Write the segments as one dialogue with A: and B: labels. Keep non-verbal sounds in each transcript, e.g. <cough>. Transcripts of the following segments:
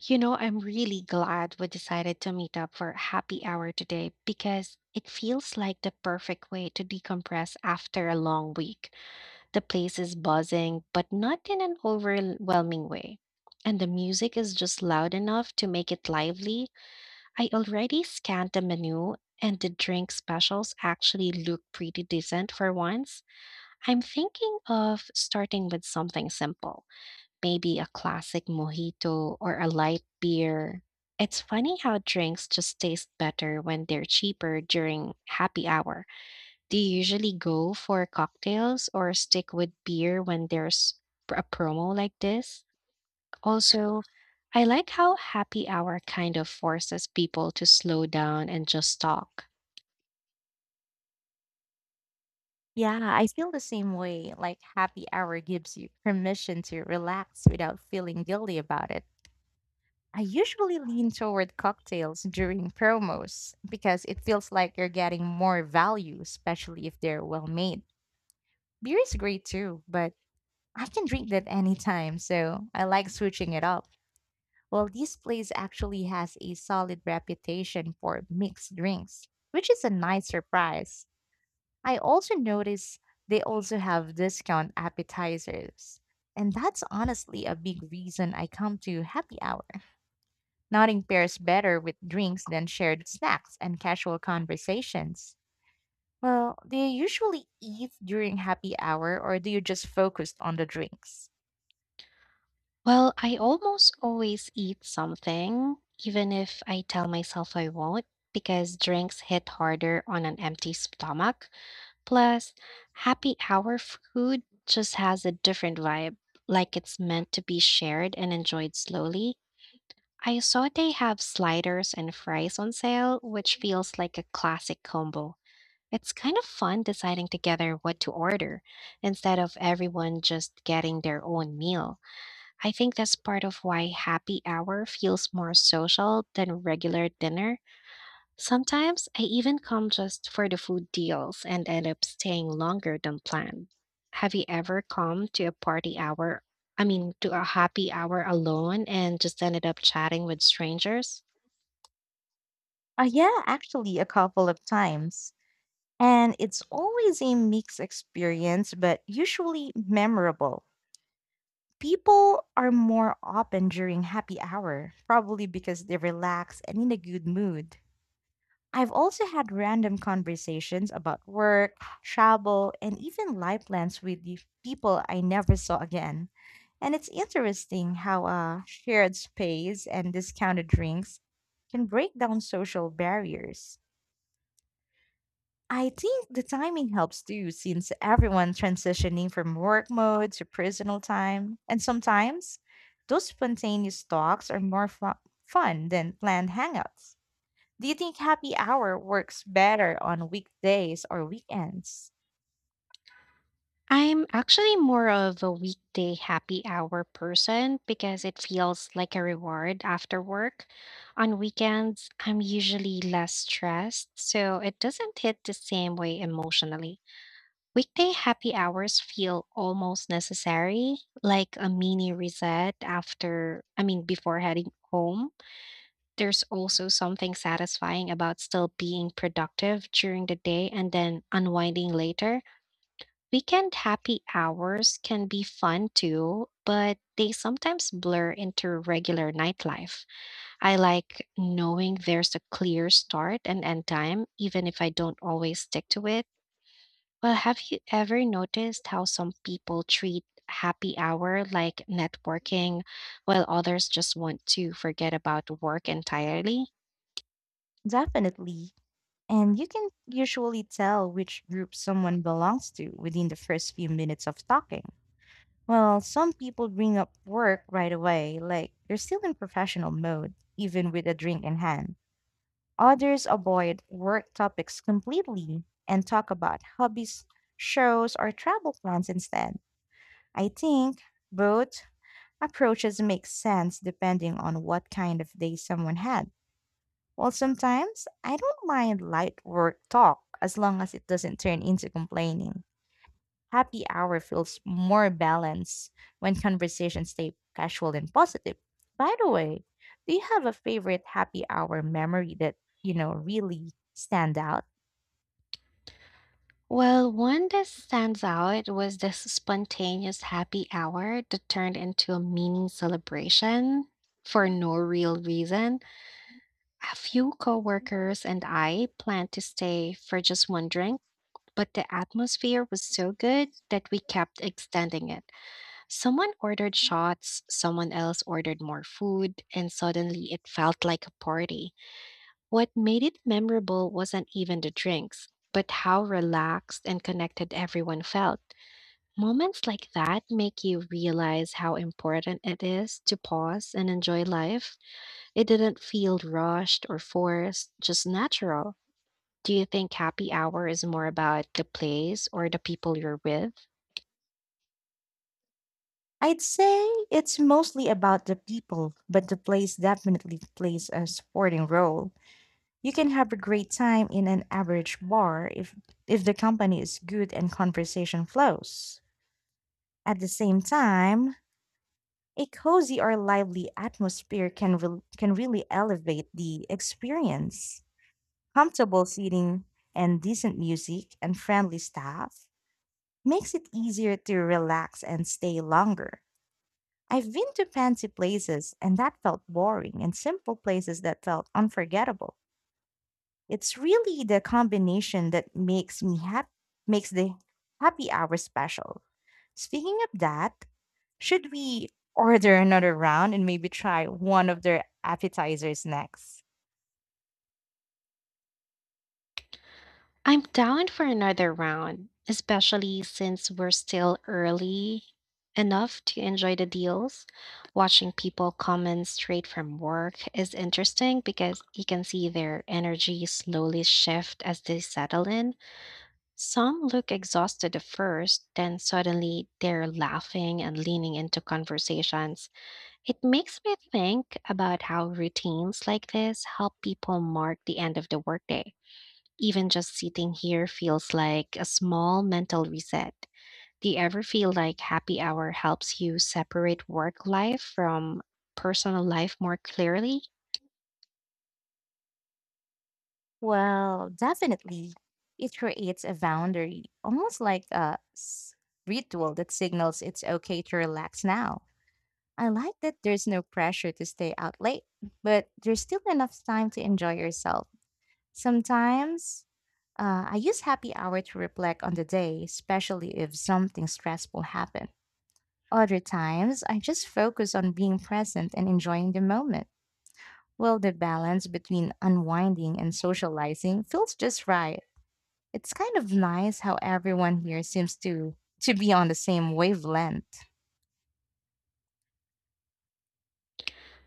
A: You know, I'm really glad we decided to meet up for happy hour today because it feels like the perfect way to decompress after a long week. The place is buzzing, but not in an overwhelming way. And the music is just loud enough to make it lively. I already scanned the menu, and the drink specials actually look pretty decent for once. I'm thinking of starting with something simple, maybe a classic mojito or a light beer. It's funny how drinks just taste better when they're cheaper during happy hour. Do you usually go for cocktails or stick with beer when there's a promo like this? Also, I like how happy hour kind of forces people to slow down and just talk.
B: Yeah, I feel the same way. Like, happy hour gives you permission to relax without feeling guilty about it. I usually lean toward cocktails during promos because it feels like you're getting more value, especially if they're well made. Beer is great too, but I can drink that anytime, so I like switching it up. Well, this place actually has a solid reputation for mixed drinks, which is a nice surprise. I also notice they also have discount appetizers. And that's honestly a big reason I come to happy hour. Nothing pairs better with drinks than shared snacks and casual conversations. Well, do you usually eat during happy hour or do you just focus on the drinks?
A: Well, I almost always eat something, even if I tell myself I won't, because drinks hit harder on an empty stomach. Plus, happy hour food just has a different vibe, like it's meant to be shared and enjoyed slowly. I saw they have sliders and fries on sale, which feels like a classic combo. It's kind of fun deciding together what to order instead of everyone just getting their own meal. I think that's part of why happy hour feels more social than regular dinner. Sometimes I even come just for the food deals and end up staying longer than planned. Have you ever come to a party hour, I mean, to a happy hour alone and just ended up chatting with strangers?
B: Yeah, actually, a couple of times. And it's always a mixed experience, but usually memorable. People are more open during happy hour, probably because they're relaxed and in a good mood. I've also had random conversations about work, travel, and even life plans with the people I never saw again. And it's interesting how a shared space and discounted drinks can break down social barriers. I think the timing helps too, since everyone transitioning from work mode to personal time. And sometimes those spontaneous talks are more fun than planned hangouts. Do you think happy hour works better on weekdays or weekends?
A: I'm actually more of a weekday happy hour person because it feels like a reward after work. On weekends, I'm usually less stressed, so it doesn't hit the same way emotionally. Weekday happy hours feel almost necessary, like a mini reset before heading home. There's also something satisfying about still being productive during the day and then unwinding later. Weekend happy hours can be fun too, but they sometimes blur into regular nightlife. I like knowing there's a clear start and end time, even if I don't always stick to it. Well, have you ever noticed how some people treat happy hour like networking, while others just want to forget about work entirely?
B: Definitely. And you can usually tell which group someone belongs to within the first few minutes of talking. Well, some people bring up work right away, like they're still in professional mode, even with a drink in hand. Others avoid work topics completely and talk about hobbies, shows, or travel plans instead. I think both approaches make sense depending on what kind of day someone had. Well, sometimes I don't mind light work talk as long as it doesn't turn into complaining. Happy hour feels more balanced when conversations stay casual and positive. By the way, do you have a favorite happy hour memory that really stand out?
A: Well, one that stands out was this spontaneous happy hour that turned into a mini celebration for no real reason. A few coworkers and I planned to stay for just one drink, but the atmosphere was so good that we kept extending it. Someone ordered shots, someone else ordered more food, and suddenly it felt like a party. What made it memorable wasn't even the drinks, but how relaxed and connected everyone felt. Moments like that make you realize how important it is to pause and enjoy life. It didn't feel rushed or forced, just natural. Do you think happy hour is more about the place or the people you're with?
B: I'd say it's mostly about the people, but the place definitely plays a supporting role. You can have a great time in an average bar if the company is good and conversation flows. At the same time, a cozy or lively atmosphere can really elevate the experience. Comfortable seating and decent music and friendly staff makes it easier to relax and stay longer. I've been to fancy places and that felt boring, and simple places that felt unforgettable. It's really the combination that makes me happy, makes the happy hour special. Speaking of that, should we order another round and maybe try one of their appetizers next?
A: I'm down for another round, especially since we're still early enough to enjoy the deals. Watching people come in straight from work is interesting because you can see their energy slowly shift as they settle in. Some look exhausted at first, then suddenly they're laughing and leaning into conversations. It makes me think about how routines like this help people mark the end of the workday. Even just sitting here feels like a small mental reset. Do you ever feel like happy hour helps you separate work life from personal life more clearly?
B: Well, definitely. It creates a boundary, almost like ritual that signals it's okay to relax now. I like that there's no pressure to stay out late, but there's still enough time to enjoy yourself. Sometimes I use happy hour to reflect on the day, especially if something stressful happened. Other times, I just focus on being present and enjoying the moment. Well, the balance between unwinding and socializing feels just right. It's kind of nice how everyone here seems to be on the same wavelength.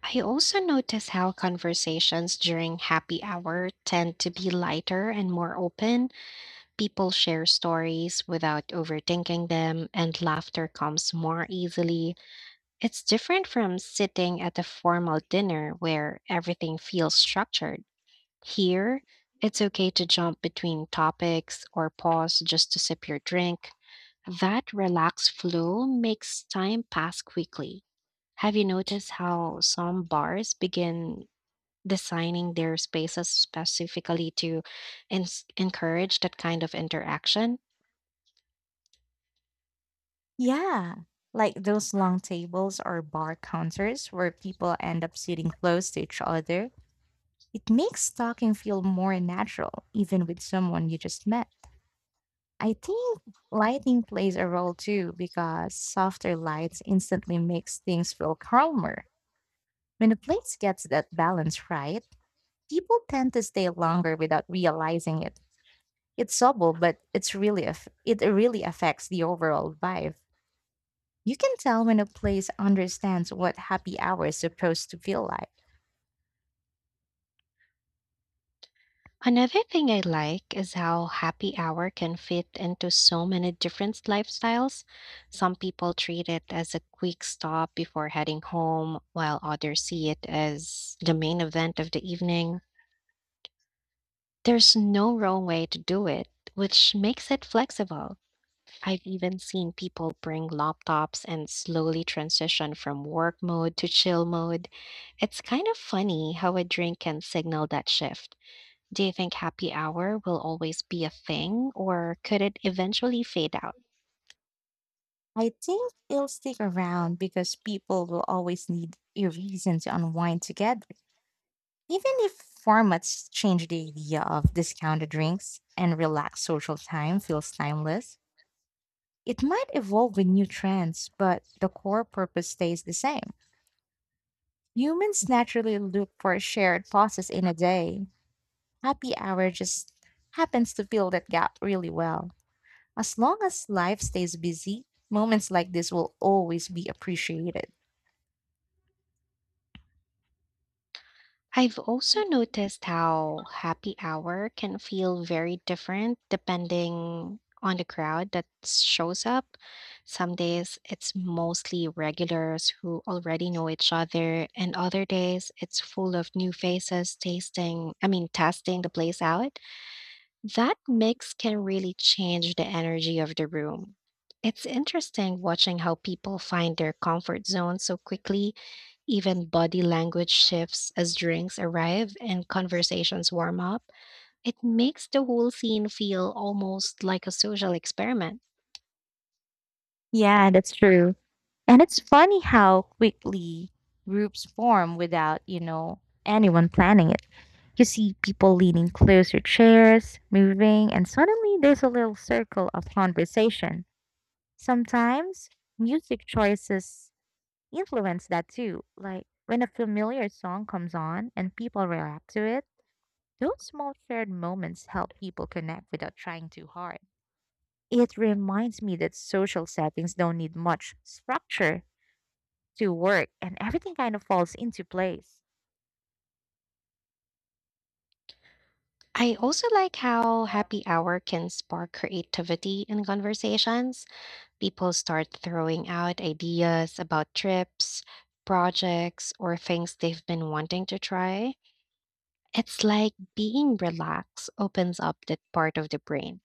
A: I also notice how conversations during happy hour tend to be lighter and more open. People share stories without overthinking them, and laughter comes more easily. It's different from sitting at a formal dinner where everything feels structured. Here, it's okay to jump between topics or pause just to sip your drink. That relaxed flow makes time pass quickly. Have you noticed how some bars begin designing their spaces specifically to ens encourage that kind of interaction?
B: Yeah, like those long tables or bar counters where people end up sitting close to each other. It makes talking feel more natural, even with someone you just met. I think lighting plays a role too because softer lights instantly makes things feel calmer. When a place gets that balance right, people tend to stay longer without realizing it. It's subtle, but it's it really affects the overall vibe. You can tell when a place understands what happy hour is supposed to feel like.
A: Another thing I like is how happy hour can fit into so many different lifestyles. Some people treat it as a quick stop before heading home, while others see it as the main event of the evening. There's no wrong way to do it, which makes it flexible. I've even seen people bring laptops and slowly transition from work mode to chill mode. It's kind of funny how a drink can signal that shift. Do you think happy hour will always be a thing, or could it eventually fade out?
B: I think it'll stick around because people will always need a reason to unwind together. Even if formats change, the idea of discounted drinks and relaxed social time feels timeless. It might evolve with new trends, but the core purpose stays the same. Humans naturally look for shared pauses in a day. Happy hour just happens to fill that gap really well. As long as life stays busy, moments like this will always be appreciated.
A: I've also noticed how happy hour can feel very different depending on the crowd that shows up. Some days it's mostly regulars who already know each other, and other days it's full of new faces testing the place out. That mix can really change the energy of the room. It's interesting watching how people find their comfort zone so quickly, even body language shifts as drinks arrive and conversations warm up. It makes the whole scene feel almost like a social experiment.
B: Yeah, that's true. And it's funny how quickly groups form without anyone planning it. You see people leaning closer, chairs moving, and suddenly there's a little circle of conversation. Sometimes music choices influence that too. Like when a familiar song comes on and people react to it, those small shared moments help people connect without trying too hard. It reminds me that social settings don't need much structure to work, and everything kind of falls into place.
A: I also like how happy hour can spark creativity in conversations. People start throwing out ideas about trips, projects, or things they've been wanting to try. It's like being relaxed opens up that part of the brain.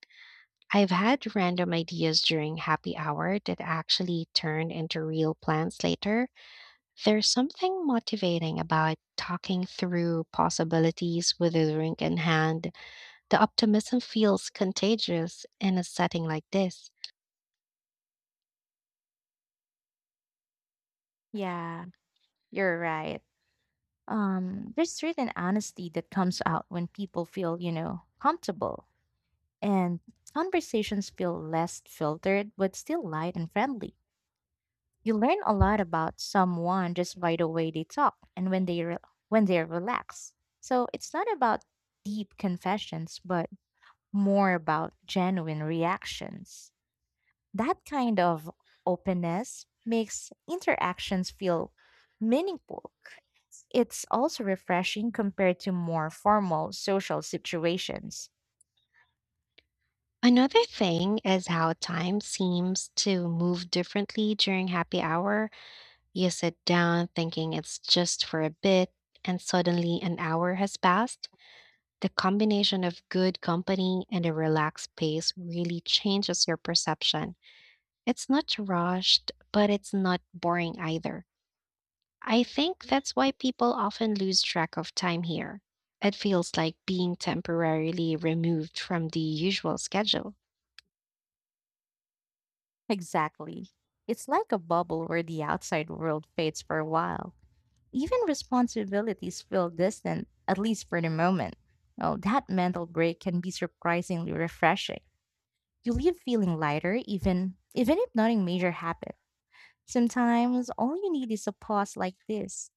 A: I've had random ideas during happy hour that actually turned into real plans later. There's something motivating about talking through possibilities with a drink in hand. The optimism feels contagious in a setting like this.
B: Yeah, you're right. There's certain honesty that comes out when people feel comfortable and conversations feel less filtered but still light and friendly. You learn a lot about someone just by the way they talk and when they're relaxed. So it's not about deep confessions, but more about genuine reactions. That kind of openness makes interactions feel meaningful. It's also refreshing compared to more formal social situations.
A: Another thing is how time seems to move differently during happy hour. You sit down thinking it's just for a bit, and suddenly an hour has passed. The combination of good company and a relaxed pace really changes your perception. It's not rushed, but it's not boring either. I think that's why people often lose track of time here. It feels like being temporarily removed from the usual schedule.
B: Exactly. It's like a bubble where the outside world fades for a while. Even responsibilities feel distant, at least for the moment. Well, that mental break can be surprisingly refreshing. You leave feeling lighter, even if nothing major happened. Sometimes all you need is a pause like this.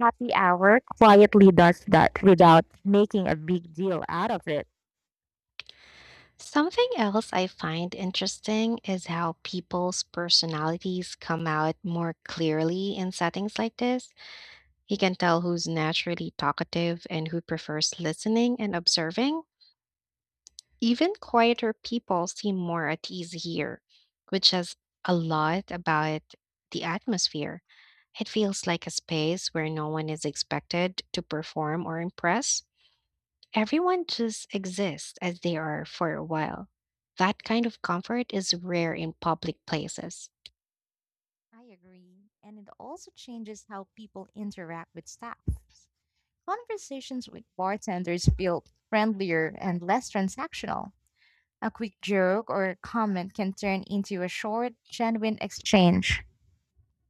B: Happy hour quietly does that without making a big deal out of it.
A: Something else I find interesting is how people's personalities come out more clearly in settings like this. You can tell who's naturally talkative and who prefers listening and observing. Even quieter people seem more at ease here, which says a lot about the atmosphere. It feels like a space where no one is expected to perform or impress. Everyone just exists as they are for a while. That kind of comfort is rare in public places.
B: I agree. And it also changes how people interact with staff. Conversations with bartenders feel friendlier and less transactional. A quick joke or comment can turn into a short, genuine exchange.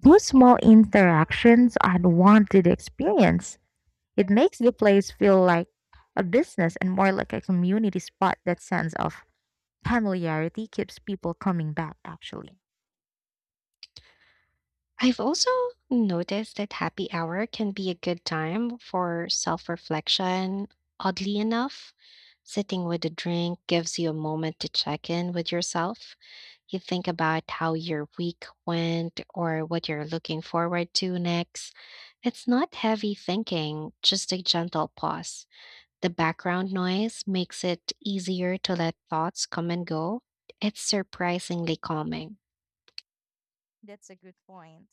B: Those small interactions add warmth to the experience. It makes the place feel like a business and more like a community spot. That sense of familiarity keeps people coming back, actually.
A: I've also noticed that happy hour can be a good time for self reflection. Oddly enough, sitting with a drink gives you a moment to check in with yourself. You think about how your week went or what you're looking forward to next. It's not heavy thinking, just a gentle pause. The background noise makes it easier to let thoughts come and go. It's surprisingly calming.
B: That's a good point.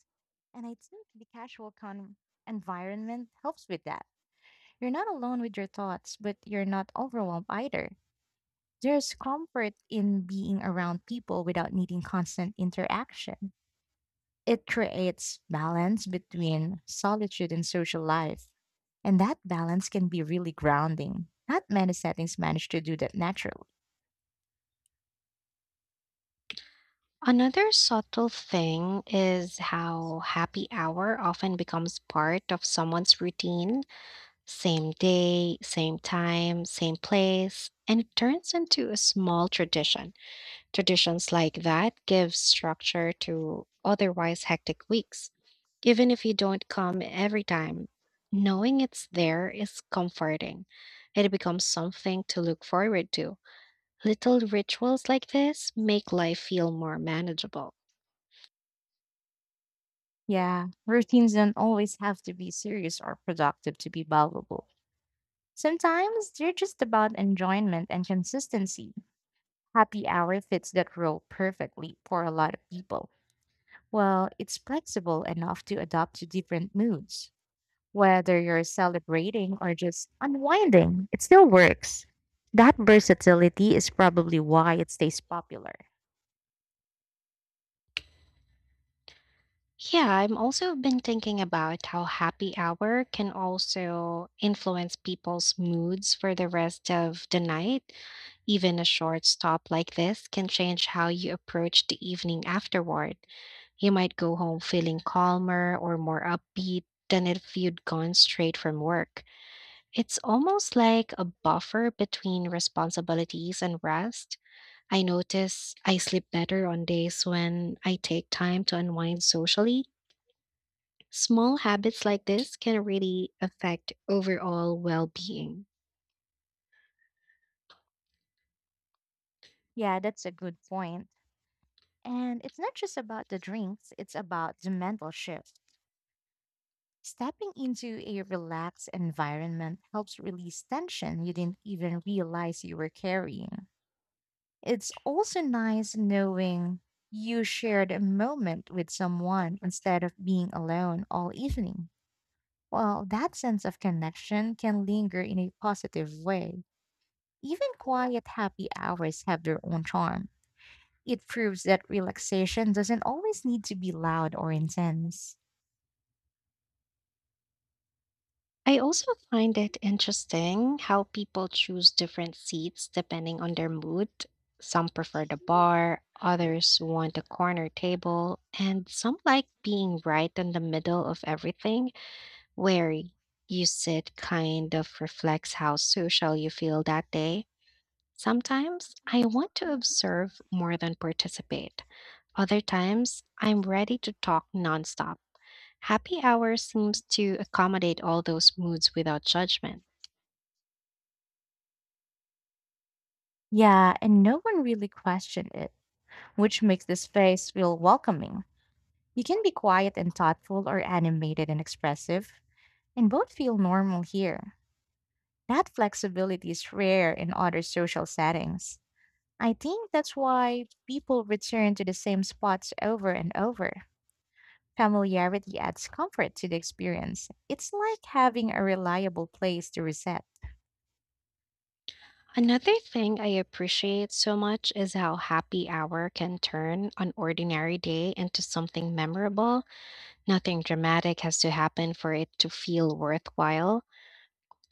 B: And I think the environment helps with that. You're not alone with your thoughts, but you're not overwhelmed either. There's comfort in being around people without needing constant interaction. It creates balance between solitude and social life. And that balance can be really grounding. Not many settings manage to do that naturally.
A: Another subtle thing is how happy hour often becomes part of someone's routine. Same day, same time, same place, and it turns into a small tradition. Traditions like that give structure to otherwise hectic weeks. Even if you don't come every time, knowing it's there is comforting. It becomes something to look forward to. Little rituals like this make life feel more manageable.
B: Yeah, routines don't always have to be serious or productive to be valuable. Sometimes they're just about enjoyment and consistency. Happy hour fits that role perfectly for a lot of people. Well, it's flexible enough to adapt to different moods. Whether you're celebrating or just unwinding, it still works. That versatility is probably why it stays popular.
A: Yeah, I'm also been thinking about how happy hour can also influence people's moods for the rest of the night. Even a short stop like this can change how you approach the evening afterward. You might go home feeling calmer or more upbeat than if you'd gone straight from work. It's almost like a buffer between responsibilities and rest. I notice I sleep better on days when I take time to unwind socially. Small habits like this can really affect overall well being.
B: Yeah, that's a good point. And it's not just about the drinks, it's about the mental shift. Stepping into a relaxed environment helps release tension you didn't even realize you were carrying. It's also nice knowing you shared a moment with someone instead of being alone all evening. Well, that sense of connection can linger in a positive way. Even quiet, happy hours have their own charm. It proves that relaxation doesn't always need to be loud or intense.
A: I also find it interesting how people choose different seats depending on their mood. Some prefer the bar, others want a corner table, and some like being right in the middle of everything, where you sit kind of reflects how social you feel that day. Sometimes I want to observe more than participate. Other times I'm ready to talk nonstop. Happy hour seems to accommodate all those moods without judgment.
B: Yeah, and no one really questioned it, which makes the space feel welcoming. You can be quiet and thoughtful or animated and expressive, and both feel normal here. That flexibility is rare in other social settings. I think that's why people return to the same spots over and over. Familiarity adds comfort to the experience. It's like having a reliable place to reset.
A: Another thing I appreciate so much is how happy hour can turn an ordinary day into something memorable. Nothing dramatic has to happen for it to feel worthwhile.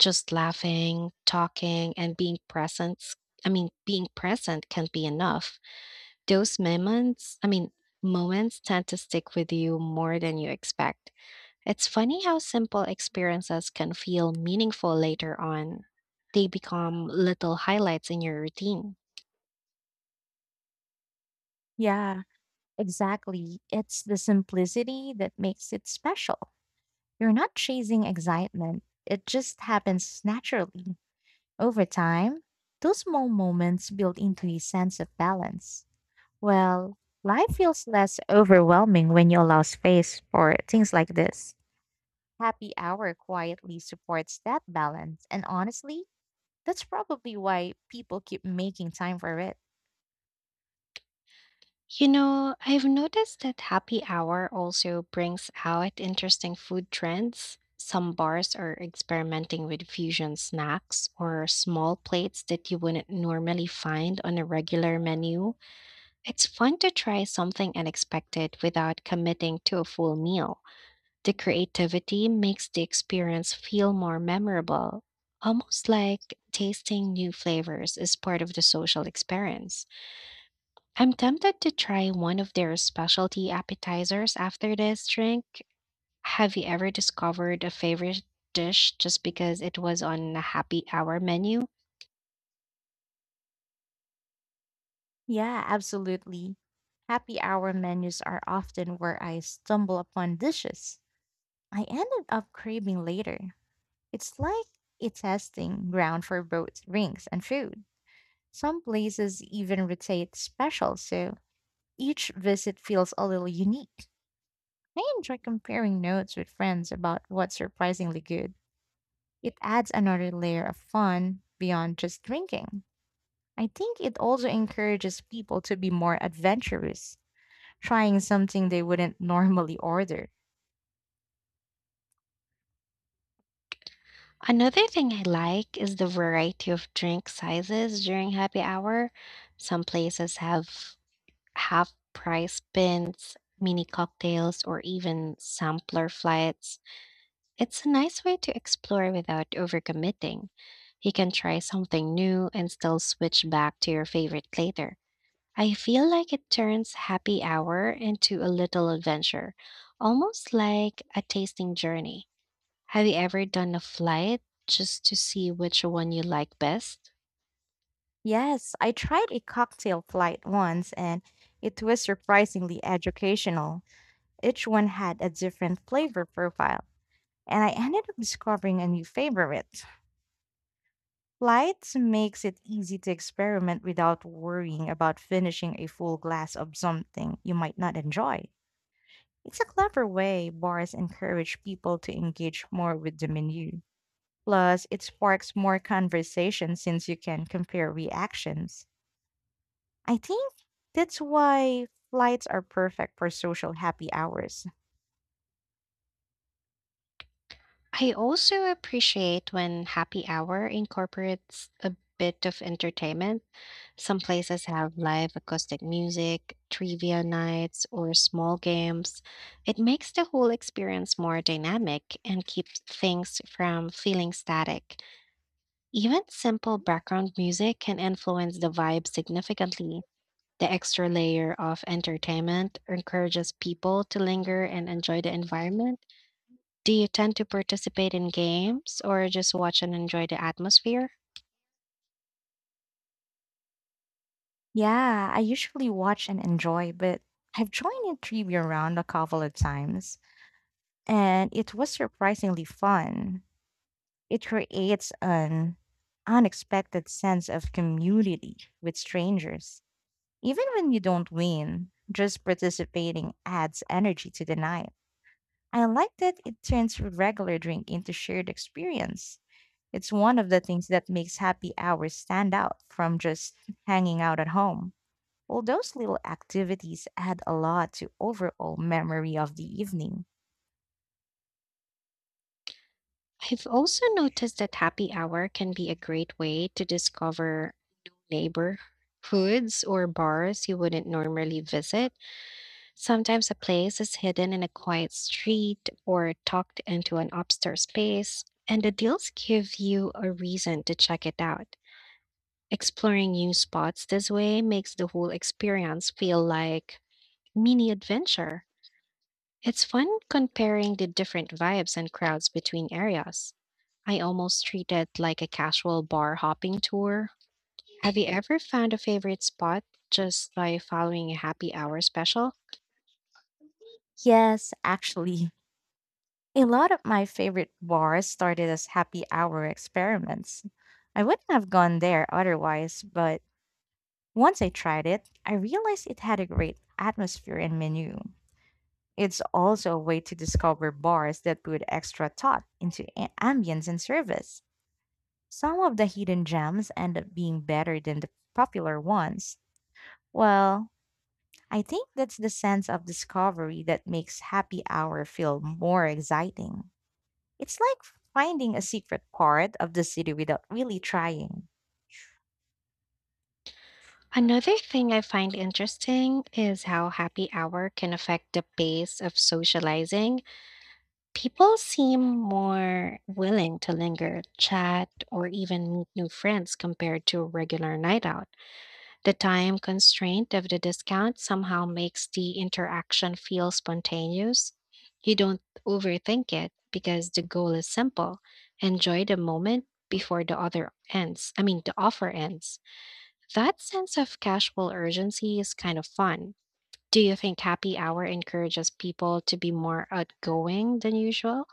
A: Just laughing, talking, and being present. Being present can be enough. Those moments, I mean, Moments tend to stick with you more than you expect. It's funny how simple experiences can feel meaningful later on. They become little highlights in your routine.
B: Yeah, exactly. It's the simplicity that makes it special. You're not chasing excitement, it just happens naturally. Over time, those small moments build into a sense of balance. Well, life feels less overwhelming when you allow space for things like this. Happy hour quietly supports that balance. And honestly, that's probably why people keep making time for it.
A: You know, I've noticed that happy hour also brings out interesting food trends. Some bars are experimenting with fusion snacks or small plates that you wouldn't normally find on a regular menu. It's fun to try something unexpected without committing to a full meal. The creativity makes the experience feel more memorable, almost like tasting new flavors is part of the social experience. I'm tempted to try one of their specialty appetizers after this drink. Have you ever discovered a favorite dish just because it was on a happy hour menu?
B: Yeah, absolutely. Happy hour menus are often where I stumble upon dishes I ended up craving later. It's like a testing ground for both drinks and food. Some places even rotate specials, so each visit feels a little unique. I enjoy comparing notes with friends about what's surprisingly good. It adds another layer of fun beyond just drinking. I think it also encourages people to be more adventurous, trying something they wouldn't <laughs> normally order.
A: Another thing I like is the variety of drink sizes during happy hour. Some places have half price bins, mini cocktails, or even sampler flights. It's a nice way to explore without overcommitting. You can try something new and still switch back to your favorite later. I feel like it turns happy hour into a little adventure, almost like a tasting journey. Have you ever done a flight just to see which one you like best?
B: Yes, I tried a cocktail flight once, and it was surprisingly educational. Each one had a different flavor profile, and I ended up discovering a new favorite. Flights makes it easy to experiment without worrying about finishing a full glass of something you might not enjoy. It's a clever way bars encourage people to engage more with the menu. Plus, it sparks more conversation since you can compare reactions. I think that's why flights are perfect for social happy hours.
A: I also appreciate when happy hour incorporates a bit of entertainment. Some places have live acoustic music, trivia nights, or small games. It makes the whole experience more dynamic and keeps things from feeling static. Even simple background music can influence the vibe significantly. The extra layer of entertainment encourages people to linger and enjoy the environment. Do you tend to participate in games or just watch and enjoy the atmosphere?
B: Yeah, I usually watch and enjoy, but I've joined a trivia round a couple of times, and it was surprisingly fun. It creates an unexpected sense of community with strangers. Even when you don't win, just participating adds energy to the night. I like that it turns regular drink into shared experience. It's one of the things that makes happy hours stand out from just hanging out at home. All those little activities add a lot to overall memory of the evening.
A: I've also noticed that happy hour can be a great way to discover new neighborhoods or bars you wouldn't normally visit. Sometimes a place is hidden in a quiet street or tucked into an upstairs space, and the deals give you a reason to check it out. Exploring new spots this way makes the whole experience feel like mini adventure. It's fun comparing the different vibes and crowds between areas. I almost treat it like a casual bar hopping tour. Have you ever found a favorite spot just by following a happy hour special?
B: Yes, actually, <laughs> a lot of my favorite bars started as happy hour experiments. I wouldn't have gone there otherwise, but once I tried it, I realized it had a great atmosphere and menu. It's also a way to discover bars that put extra thought into ambience and service. Some of the hidden gems end up being better than the popular ones. Well, I think that's the sense of discovery that makes happy hour feel more exciting. It's like finding a secret part of the city without really trying.
A: Another thing I find interesting is how happy hour can affect the pace of socializing. People seem more willing to linger, chat, or even meet new friends compared to a regular night out. The time constraint of the discount somehow makes the interaction feel spontaneous. You don't overthink it because the goal is simple. Enjoy the moment before the other ends. I mean, the offer ends. That sense of casual urgency is kind of fun. Do you think happy hour encourages people to be more outgoing than usual?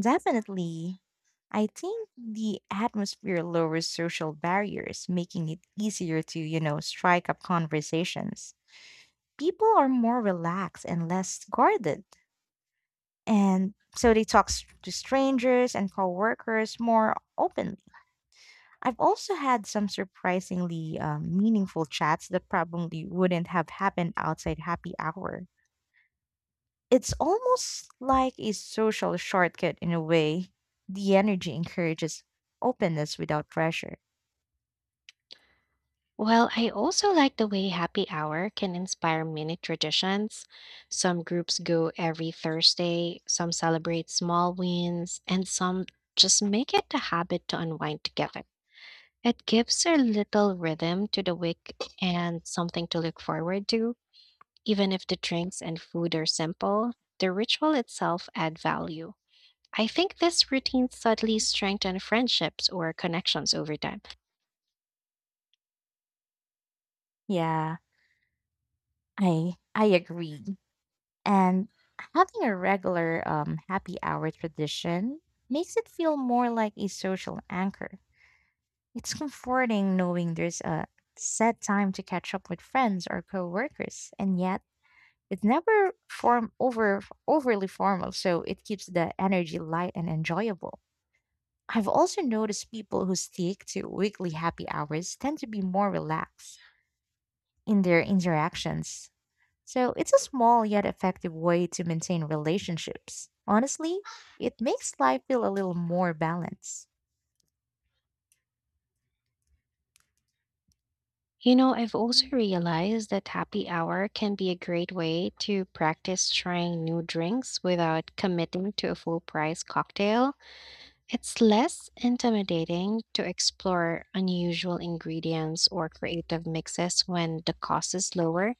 B: Definitely, I think the atmosphere lowers social barriers, making it easier to strike up conversations. People are more relaxed and less guarded. And so they to strangers and coworkers more openly. I've also had some surprisingly meaningful chats that probably wouldn't have happened outside happy hour. It's almost like a social shortcut in a way. The energy encourages openness without pressure.
A: Well, I also like the way happy hour can inspire many traditions. Some groups go every Thursday, some celebrate small wins, and some just make it a habit to unwind together. It gives a little rhythm to the week and something to look forward to. Even if the drinks and food are simple, the ritual itself add value. I think this routine subtly strengthen friendships or connections over time.
B: Yeah. I agree. And having a regular happy hour tradition makes it feel more like a social anchor. It's comforting knowing there's a set time to catch up with friends or coworkers, and yet it's never form over overly formal, so it keeps the energy light and enjoyable. I've also noticed people who stick to weekly happy hours tend to be more relaxed in their interactions. So it's a small yet effective way to maintain relationships. Honestly, it makes life feel a little more balanced.
A: You know, I've also realized that happy hour can be a great way to practice trying new drinks without committing to a full price cocktail. It's less intimidating to explore unusual ingredients or creative mixes when the cost is lower.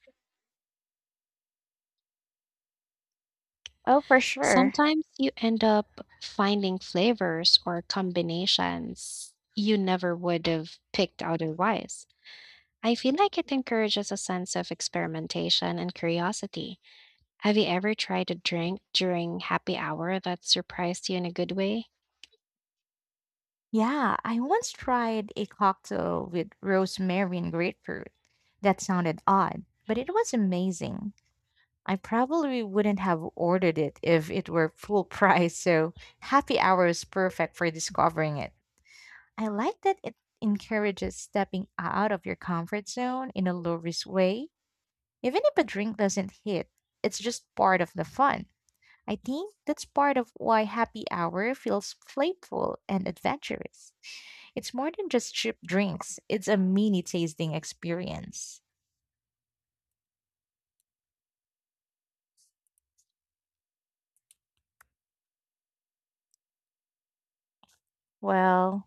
B: Oh, for sure.
A: Sometimes you end up finding flavors or combinations you never would have picked otherwise. I feel like it encourages a sense of experimentation and curiosity. Have you ever tried a drink during happy hour that surprised you in a good way?
B: Yeah, I once tried a cocktail with rosemary and grapefruit. That sounded odd, but it was amazing. I probably wouldn't have ordered it if it were full <laughs> price, so happy hour is perfect for discovering it. I like that it encourages stepping out of your comfort zone in a low risk way. Even if a drink doesn't hit, it's just part of the fun. I think that's part of why happy hour feels playful and adventurous. It's more than just cheap drinks, it's a mini tasting experience. Well,